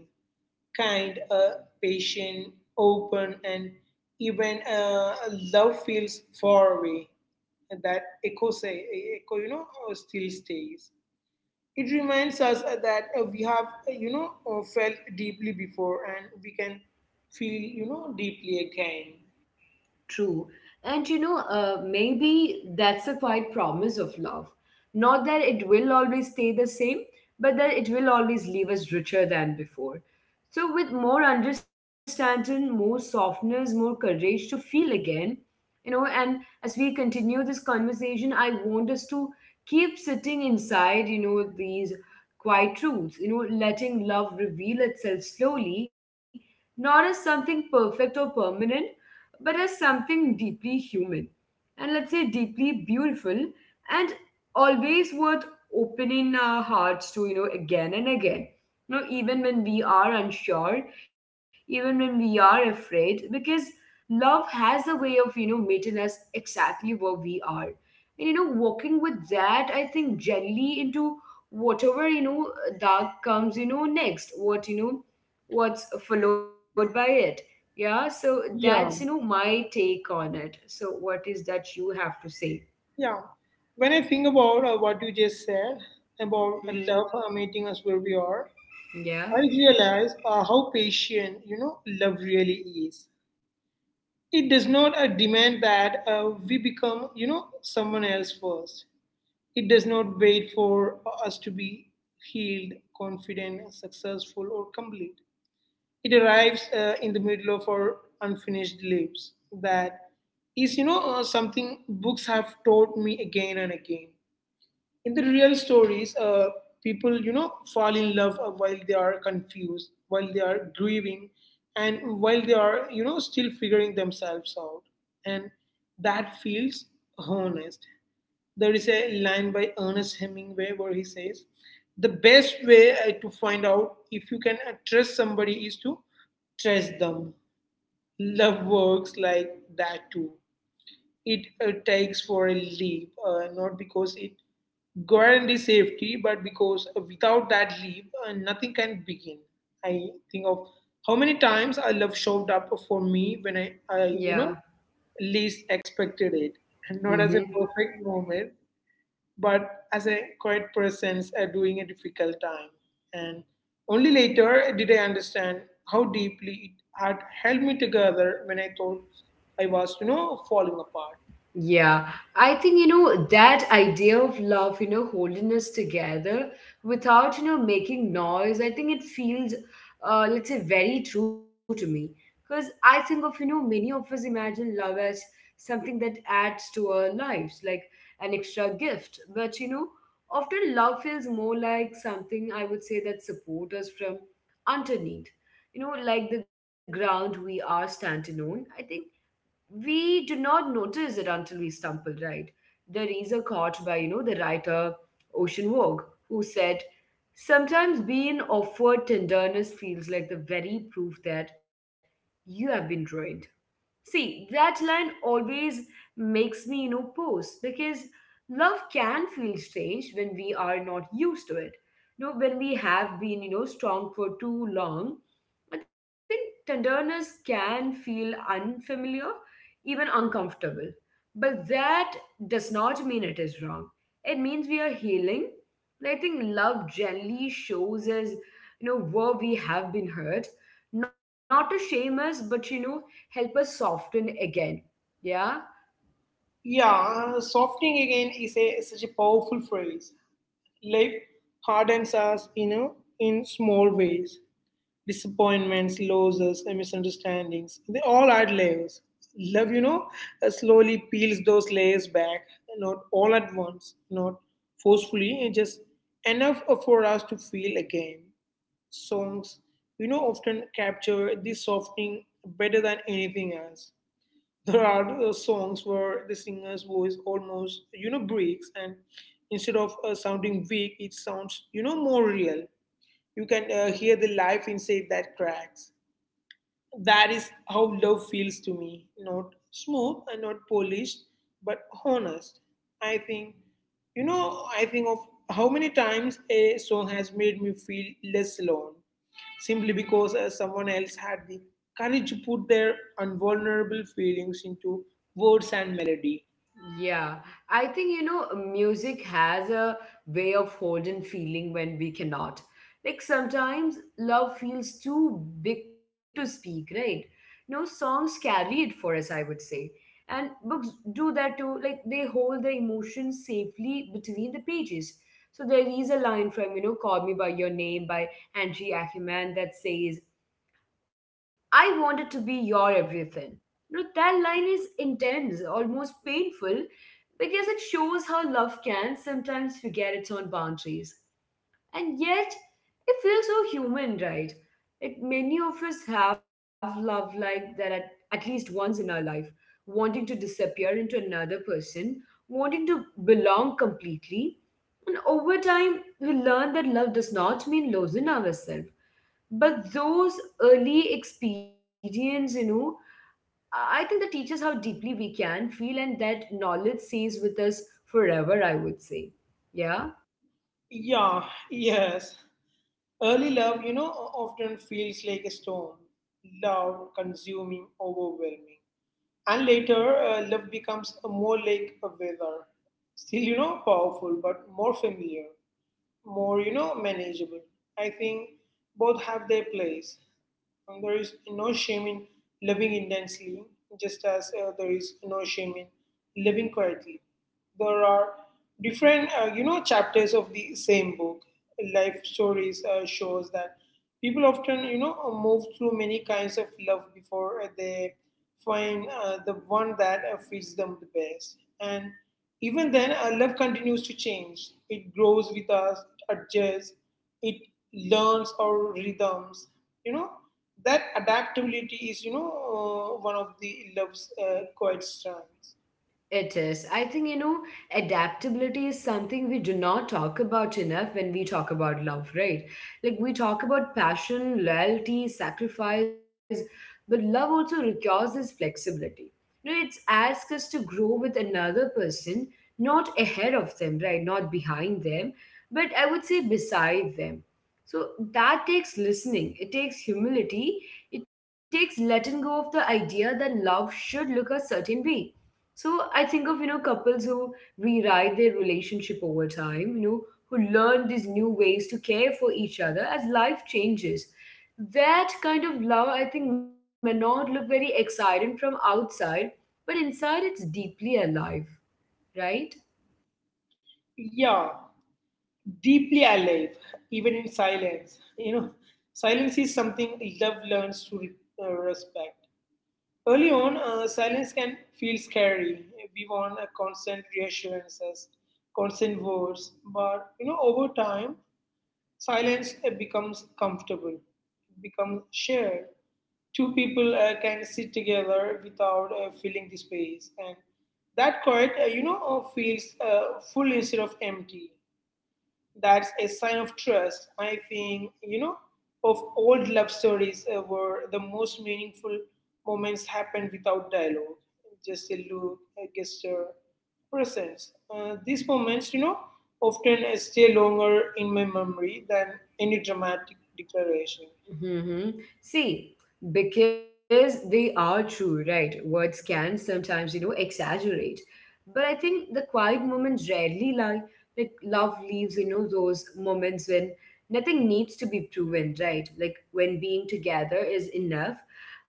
B: kind, patient, open, and even love feels far away. And that echo, say, echo, still stays. It reminds us that we have felt deeply before and we can feel, deeply again.
A: True. And maybe that's a quiet promise of love. Not that it will always stay the same, but that it will always leave us richer than before. So, with more understanding, more softness, more courage to feel again, you know, and as we continue this conversation, I want us to keep sitting inside, you know, these quiet truths, you know, letting love reveal itself slowly, not as something perfect or permanent but as something deeply human and, let's say, deeply beautiful, and always worth opening our hearts to, again and again, even when we are unsure, even when we are afraid, because love has a way of, meeting us exactly where we are, and, walking with that, I think, gently into whatever, dark comes, next. What, what's followed by it. Yeah, so that's,
B: Yeah.
A: my take on it. So what is that you have to say?
B: Yeah. When I think about what you just said about
A: Mhm.
B: love meeting us where we are,
A: Yeah,
B: I realize how patient, love really is. It does not demand that we become, someone else first. It does not wait for us to be healed, confident, successful, or complete. It arrives in the middle of our unfinished lives. That is, something books have taught me again and again. In the real stories, people, fall in love while they are confused, while they are grieving, and while they are, still figuring themselves out. And that feels honest. There is a line by Ernest Hemingway where he says, the best way to find out if you can trust somebody is to trust them. Love works like that too. It takes for a leap, not because it guarantees safety, but because without that leap, nothing can begin. I think of how many times I love showed up for me when I
A: yeah.
B: least expected it, and not as a
A: Hmm.
B: perfect moment, but as a quiet presence during a difficult time. And only later did I understand how deeply it had held me together when I thought I was, falling apart.
A: Yeah, I think, you know, that idea of love, you know, holding us together without, making noise. I think it feels, let's say, very true to me because I think of, many of us imagine love as something that adds to our lives, like an extra gift. But you know, often love feels more like something, I would say, that supports us from underneath. You know, like the ground we are standing on. I think we do not notice it until we stumble, right? There is a quote by, you know, the writer Ocean Vogue, who said, "Sometimes being offered tenderness feels like the very proof that you have been ruined." See, that line always makes me, you know, pause because love can feel strange when we are not used to it. You know, when we have been, you know, strong for too long, I think tenderness can feel unfamiliar, even uncomfortable. But that does not mean it is wrong. It means we are healing. And I think love generally shows us, you know, where we have been hurt, not to shame us, but, you know, help us soften again. Yeah.
B: Yeah, softening again is a such a powerful phrase. Life hardens us, in small ways. Disappointments, losses, and misunderstandings. They all add layers. Love, you know, slowly peels those layers back, not all at once, not forcefully, and just enough for us to feel again. Songs, you know, often capture this softening better than anything else. There are songs where the singer's voice almost, you know, breaks, and instead of sounding weak, it sounds, you know, more real. You can hear the life inside that cracks. That is how love feels to me. Not smooth and not polished, but honest. I think, I think of how many times a song has made me feel less alone simply because someone else had the courage to put their unvulnerable feelings into words and melody.
A: Yeah. I think, you know, music has a way of holding feeling when we cannot. Like sometimes love feels too big to speak, right? No, songs carry it for us, I would say. And books do that too. Like they hold the emotions safely between the pages. So there is a line from, you know, Call Me By Your Name by Angie Ackerman that says, "I wanted to be your everything." You know, that line is intense, almost painful, because it shows how love can sometimes forget its own boundaries. And yet, it feels so human, right? Like many of us have love like that at least once in our life, wanting to disappear into another person, wanting to belong completely. And over time, we learn that love does not mean losing ourselves, but those early experience, I think that teaches how deeply we can feel, and that knowledge stays with us forever, I would say. Yeah.
B: Yeah, yes. Early love, you know, often feels like a storm, loud, consuming, overwhelming. And later, love becomes more like a weather. Still, you know, powerful, but more familiar, more, you know, manageable. I think both have their place. And there is no shame in loving intensely, just as there is no shame in living quietly. There are different, you know, chapters of the same book. Life stories shows that people often, move through many kinds of love before they find the one that fits them the best. And even then, love continues to change. It grows with us, it adjusts, it learns our rhythms. You know, that adaptability is, one of the love's quiet strengths.
A: It is. I think, you know, adaptability is something we do not talk about enough when we talk about love, right? Like, we talk about passion, loyalty, sacrifice, but love also requires this flexibility. You know, it's asks us to grow with another person, not ahead of them, right? Not behind them, but I would say beside them. So that takes listening, it takes humility, it takes letting go of the idea that love should look a certain way. So I think of, you know, couples who rewrite their relationship over time, you know, who learn these new ways to care for each other as life changes. That kind of love, I think, may not look very exciting from outside, but inside it's deeply alive, right?
B: Yeah, deeply alive, even in silence. You know, <laughs> silence is something love learns to respect. Early on, silence can feel scary. We want a constant reassurances, constant words, but you know, over time, silence becomes comfortable, becomes shared. Two people can sit together without filling the space, and that quiet, feels full instead of empty. That's a sign of trust. I think, you know, of old love stories where the most meaningful moments happen without dialogue, just a look, a gesture, presence. These moments, you know, often stay longer in my memory than any dramatic declaration.
A: Hmm. See, because they are true, right? Words can sometimes, you know, exaggerate. But I think the quiet moments rarely lie. Like love leaves, you know, those moments when nothing needs to be proven, right? Like when being together is enough.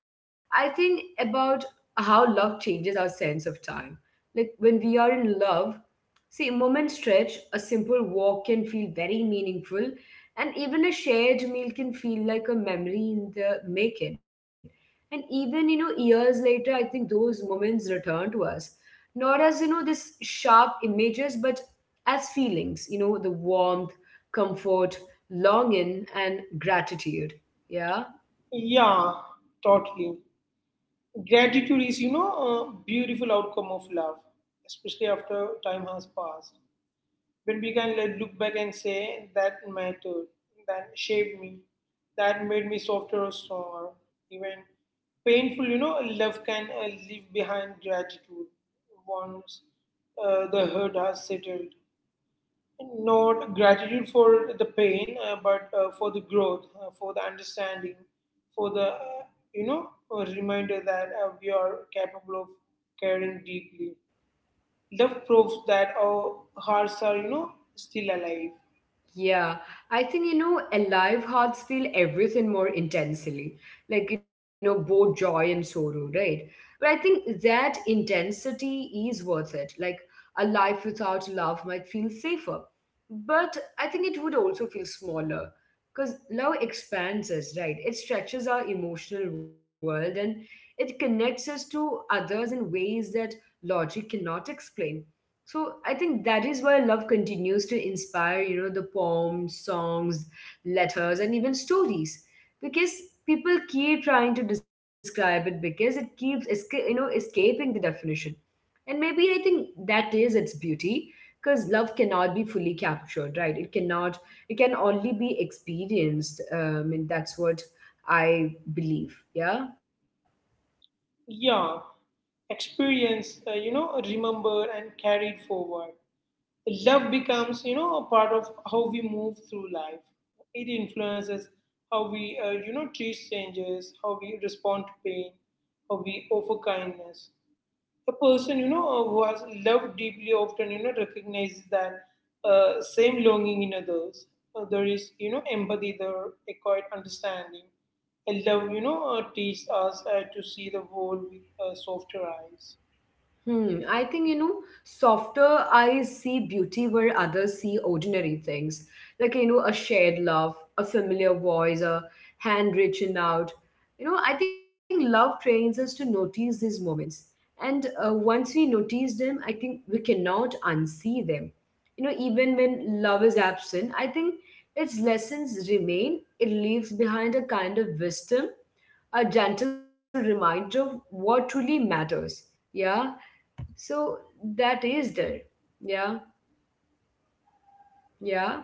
A: I think about how love changes our sense of time. Like when we are in love, see, moment stretch, a simple walk can feel very meaningful, and even a shared meal can feel like a memory in the making. And even, you know, years later, I think those moments return to us, not as, you know, this sharp images, but as feelings, you know, the warmth, comfort, longing, and gratitude. Yeah.
B: Yeah, totally. Gratitude is, you know, a beautiful outcome of love, especially after time has passed. But we can like, look back and say that mattered, that shaped me, that made me softer or stronger. Even painful, you know, love can leave behind gratitude once the hurt has settled. Not gratitude for the pain, but for the growth, for the understanding, for the, you know, a reminder that we are capable of caring deeply. Love proves that our hearts are, you know, still alive.
A: Yeah, I think, you know, alive hearts feel everything more intensely, like, you know, both joy and sorrow, right? But I think that intensity is worth it. Like a life without love might feel safer, but I think it would also feel smaller because love expands us, right? It stretches our emotional world, and it connects us to others in ways that logic cannot explain. So I think that is why love continues to inspire, you know, the poems, songs, letters, and even stories, because people keep trying to describe it because it keeps, you know, escaping the definition. And maybe I think that is its beauty, because love cannot be fully captured, right? It cannot. It can only be experienced. And that's what I believe. Yeah.
B: Yeah, experience, you know, remembered and carried forward. Love becomes, you know, a part of how we move through life. It influences how we, you know, treat strangers, how we respond to pain, how we offer kindness a person you know who has loved deeply often you know recognizes that same longing in others. There is you know empathy there, a quiet understanding, and love you know teaches us to see the world with softer eyes.
A: Hmm, I think, you know, softer eyes see beauty where others see ordinary things. Like, you know, a shared love, a familiar voice, a hand reaching out. You know, I think love trains us to notice these moments. And once we notice them, I think we cannot unsee them. You know, even when love is absent, I think its lessons remain. It leaves behind a kind of wisdom, a gentle reminder of what truly matters. Yeah, so that is there. Yeah, yeah.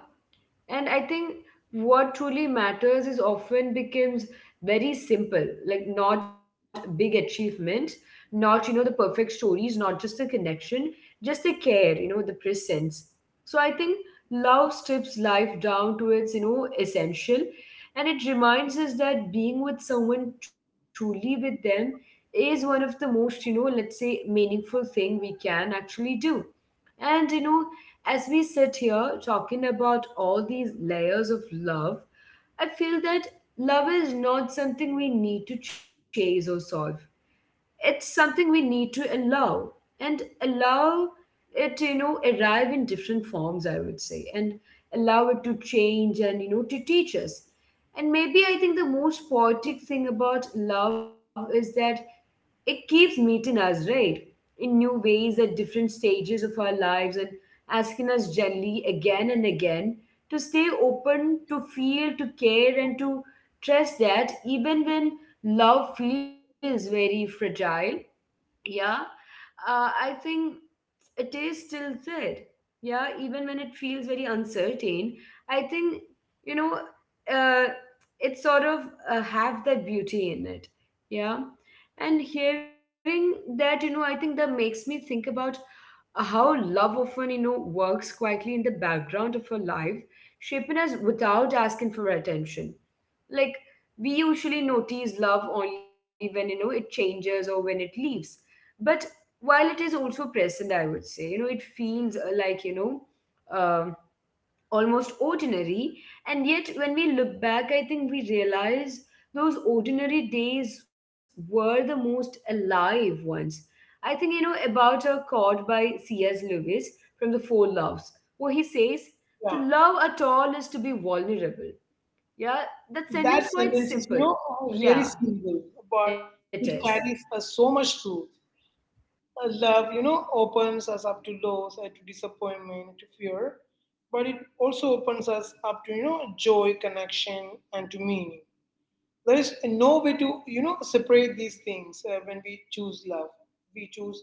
A: And I think what truly matters is often becomes very simple, like not big achievements, not, you know, the perfect stories, not just the connection, just the care, you know, the presence. So I think love strips life down to its, you know, essential. And it reminds us that being with someone, truly with them, is one of the most, you know, let's say meaningful thing we can actually do. And, you know, as we sit here talking about all these layers of love, I feel that love is not something we need to chase or solve. It's something we need to allow, and allow it, you know, arrive in different forms, I would say, and allow it to change and, you know, to teach us. And maybe I think the most poetic thing about love is that it keeps meeting us, right? In new ways at different stages of our lives and asking us gently again and again to stay open, to feel, to care, and to trust that even when love feels very fragile, yeah, I think it is still there. Yeah, even when it feels very uncertain, I think, you know, uh, it sort of have that beauty in it. Yeah. And hearing that, you know, I think that makes me think about how love often, you know, works quietly in the background of our life, shaping us without asking for attention. Like we usually notice love only when you know it changes or when it leaves. But while it is also present, I would say, you know, it feels like almost ordinary. And yet, when we look back, I think we realize those ordinary days were the most alive ones. I think, you know, about a quote by C.S. Lewis from The Four Loves, where he says, to
B: Yeah,
A: love at all is to be vulnerable. Yeah, that sentence
B: that
A: quite
B: sentence is you
A: simple.
B: know really
A: Yeah,
B: simple, but
A: it is.
B: it carries so much truth. Love, you know, opens us up to loss, to disappointment, to fear, but it also opens us up to, you know, joy, connection, and to meaning. There is no way to, you know, separate these things when we choose love. We choose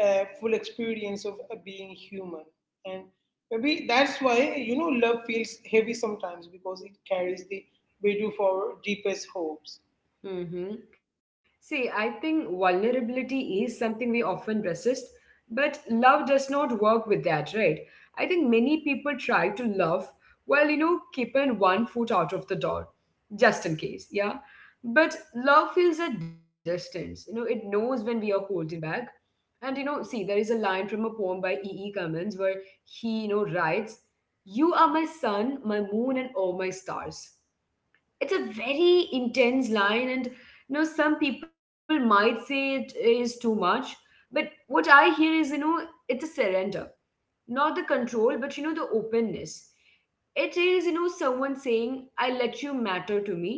B: a full experience of being human. And maybe that's why, you know, love feels heavy sometimes because it carries the weight of our deepest hopes.
A: Mm-hmm. See, I think vulnerability is something we often resist, but love does not work with that, right? I think many people try to love while, you know, keeping one foot out of the door, just in case, yeah? But love feels at distance. You know, it knows when we are holding back. And, you know, see, there is a line from a poem by E. E. Cummins where he, you know, writes, you are my sun, my moon, and all my stars. It's a very intense line, and you know, some people might say it is too much, but what I hear is, you know, it's a surrender, not the control, but you know, the openness. It is, you know, someone saying, I let you matter to me.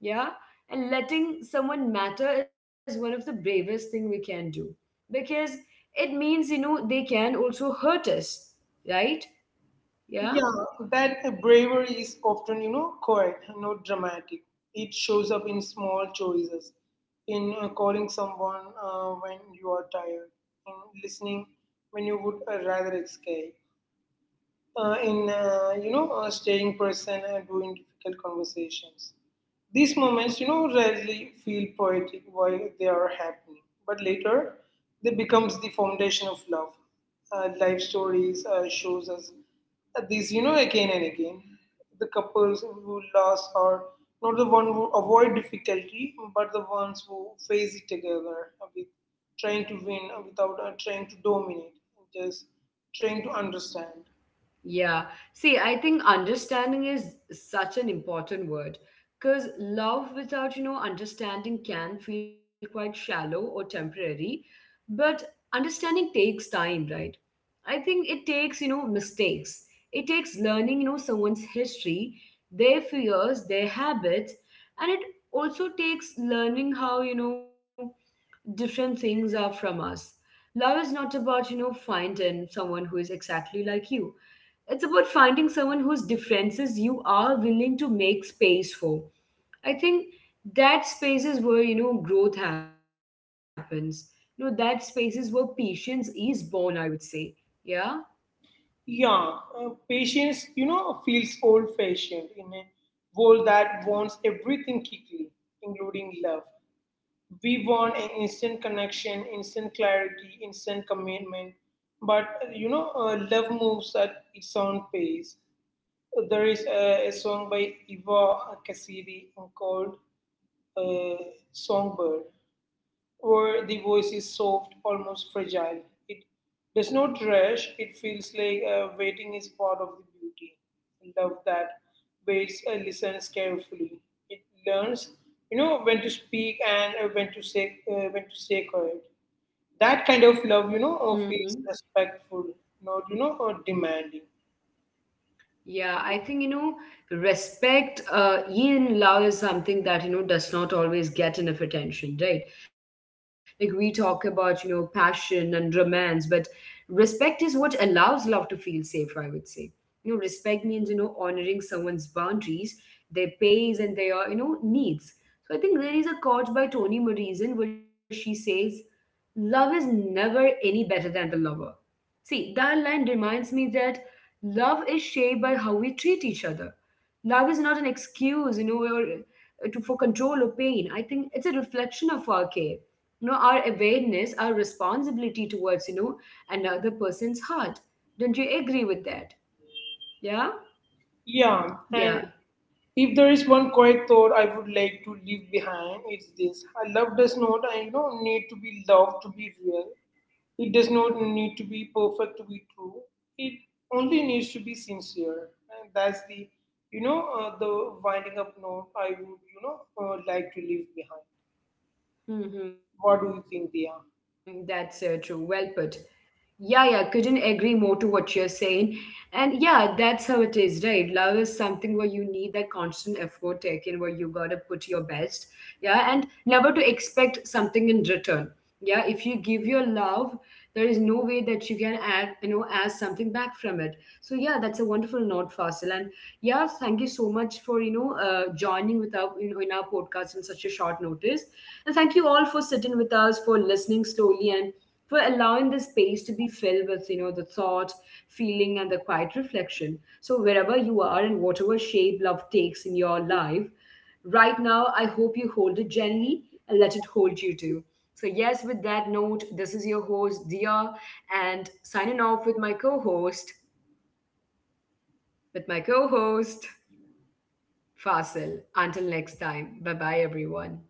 A: Yeah. And letting someone matter is one of the bravest thing we can do, because it means, you know, they can also hurt us, right? Yeah.
B: Yeah, that bravery is often, you know, quiet, not dramatic. It shows up in small choices, in calling someone when you are tired, in listening when you would rather escape, in staying present and doing difficult conversations. These moments, you know, rarely feel poetic while they are happening, but later they becomes the foundation of love. Life stories shows us these, you know, again and again. The couples who lost are not the one who avoid difficulty, but the ones who face it together with trying to win without trying to dominate, just trying to understand.
A: Yeah. See, I think understanding is such an important word because love without, you know, understanding can feel quite shallow or temporary, but understanding takes time, right? I think it takes, you know, mistakes. It takes learning, you know, someone's history, their fears, their habits, and it also takes learning how, you know, different things are from us. Love is not about, you know, finding someone who is exactly like you. It's about finding someone whose differences you are willing to make space for. I think that space is where, you know, growth happens. You know, that space is where patience is born, I would say. Yeah?
B: Yeah, patience, you know, feels old fashioned in a world that wants everything quickly, including love. We want an instant connection, instant clarity, instant commitment. But, love moves at its own pace. There is a song by Eva Cassidy called uh, Songbird where the voice is soft, almost fragile. It does not rush, it feels like waiting is part of the beauty. Love that waits and listens carefully. It learns, you know, when to speak and when to say quiet. That kind of love, you know,
A: Hmm.
B: feels respectful, not you know, demanding.
A: Yeah, I think, you know, respect in love is something that, you know, does not always get enough attention, right? Like we talk about, you know, passion and romance, but respect is what allows love to feel safe, I would say. You know, respect means, you know, honoring someone's boundaries, their pace and their, you know, needs. So I think there is a quote by Toni Morrison where she says, love is never any better than the lover. See, that line reminds me that love is shaped by how we treat each other. Love is not an excuse, you know, or to for control or pain. I think it's a reflection of our care, you know, our awareness, our responsibility towards, you know, another person's heart. Don't you agree with that? Yeah,
B: Yeah, and
A: yeah.
B: if there is one quiet thought I would like to leave behind, it's this: love does not, you know, need to be loved to be real. It does not need to be perfect to be true. It only needs to be sincere. And that's the, the winding up note I would, like to leave behind.
A: Hmm.
B: What do
A: That's
B: you
A: true.
B: think, Dia?
A: Well put. Yeah, yeah, couldn't agree more to what you're saying. And yeah, that's how it is, right? Love is something where you need that constant effort taken, where you gotta put your best, yeah, and never to expect something in return. Yeah, if you give your love, there is no way that you can add, you know, ask something back from it. So yeah, that's a wonderful note, Fasil. And yeah, thank you so much for you know joining with our you know, in our podcast on such a short notice. And thank you all for sitting with us, for listening slowly and for allowing the space to be filled with you know the thought, feeling and the quiet reflection. So wherever you are and whatever shape love takes in your life right now, I hope you hold it gently and let it hold you too. So yes, with that note, this is your host Dia, and signing off with my co-host Fasil. Until next time, bye bye everyone.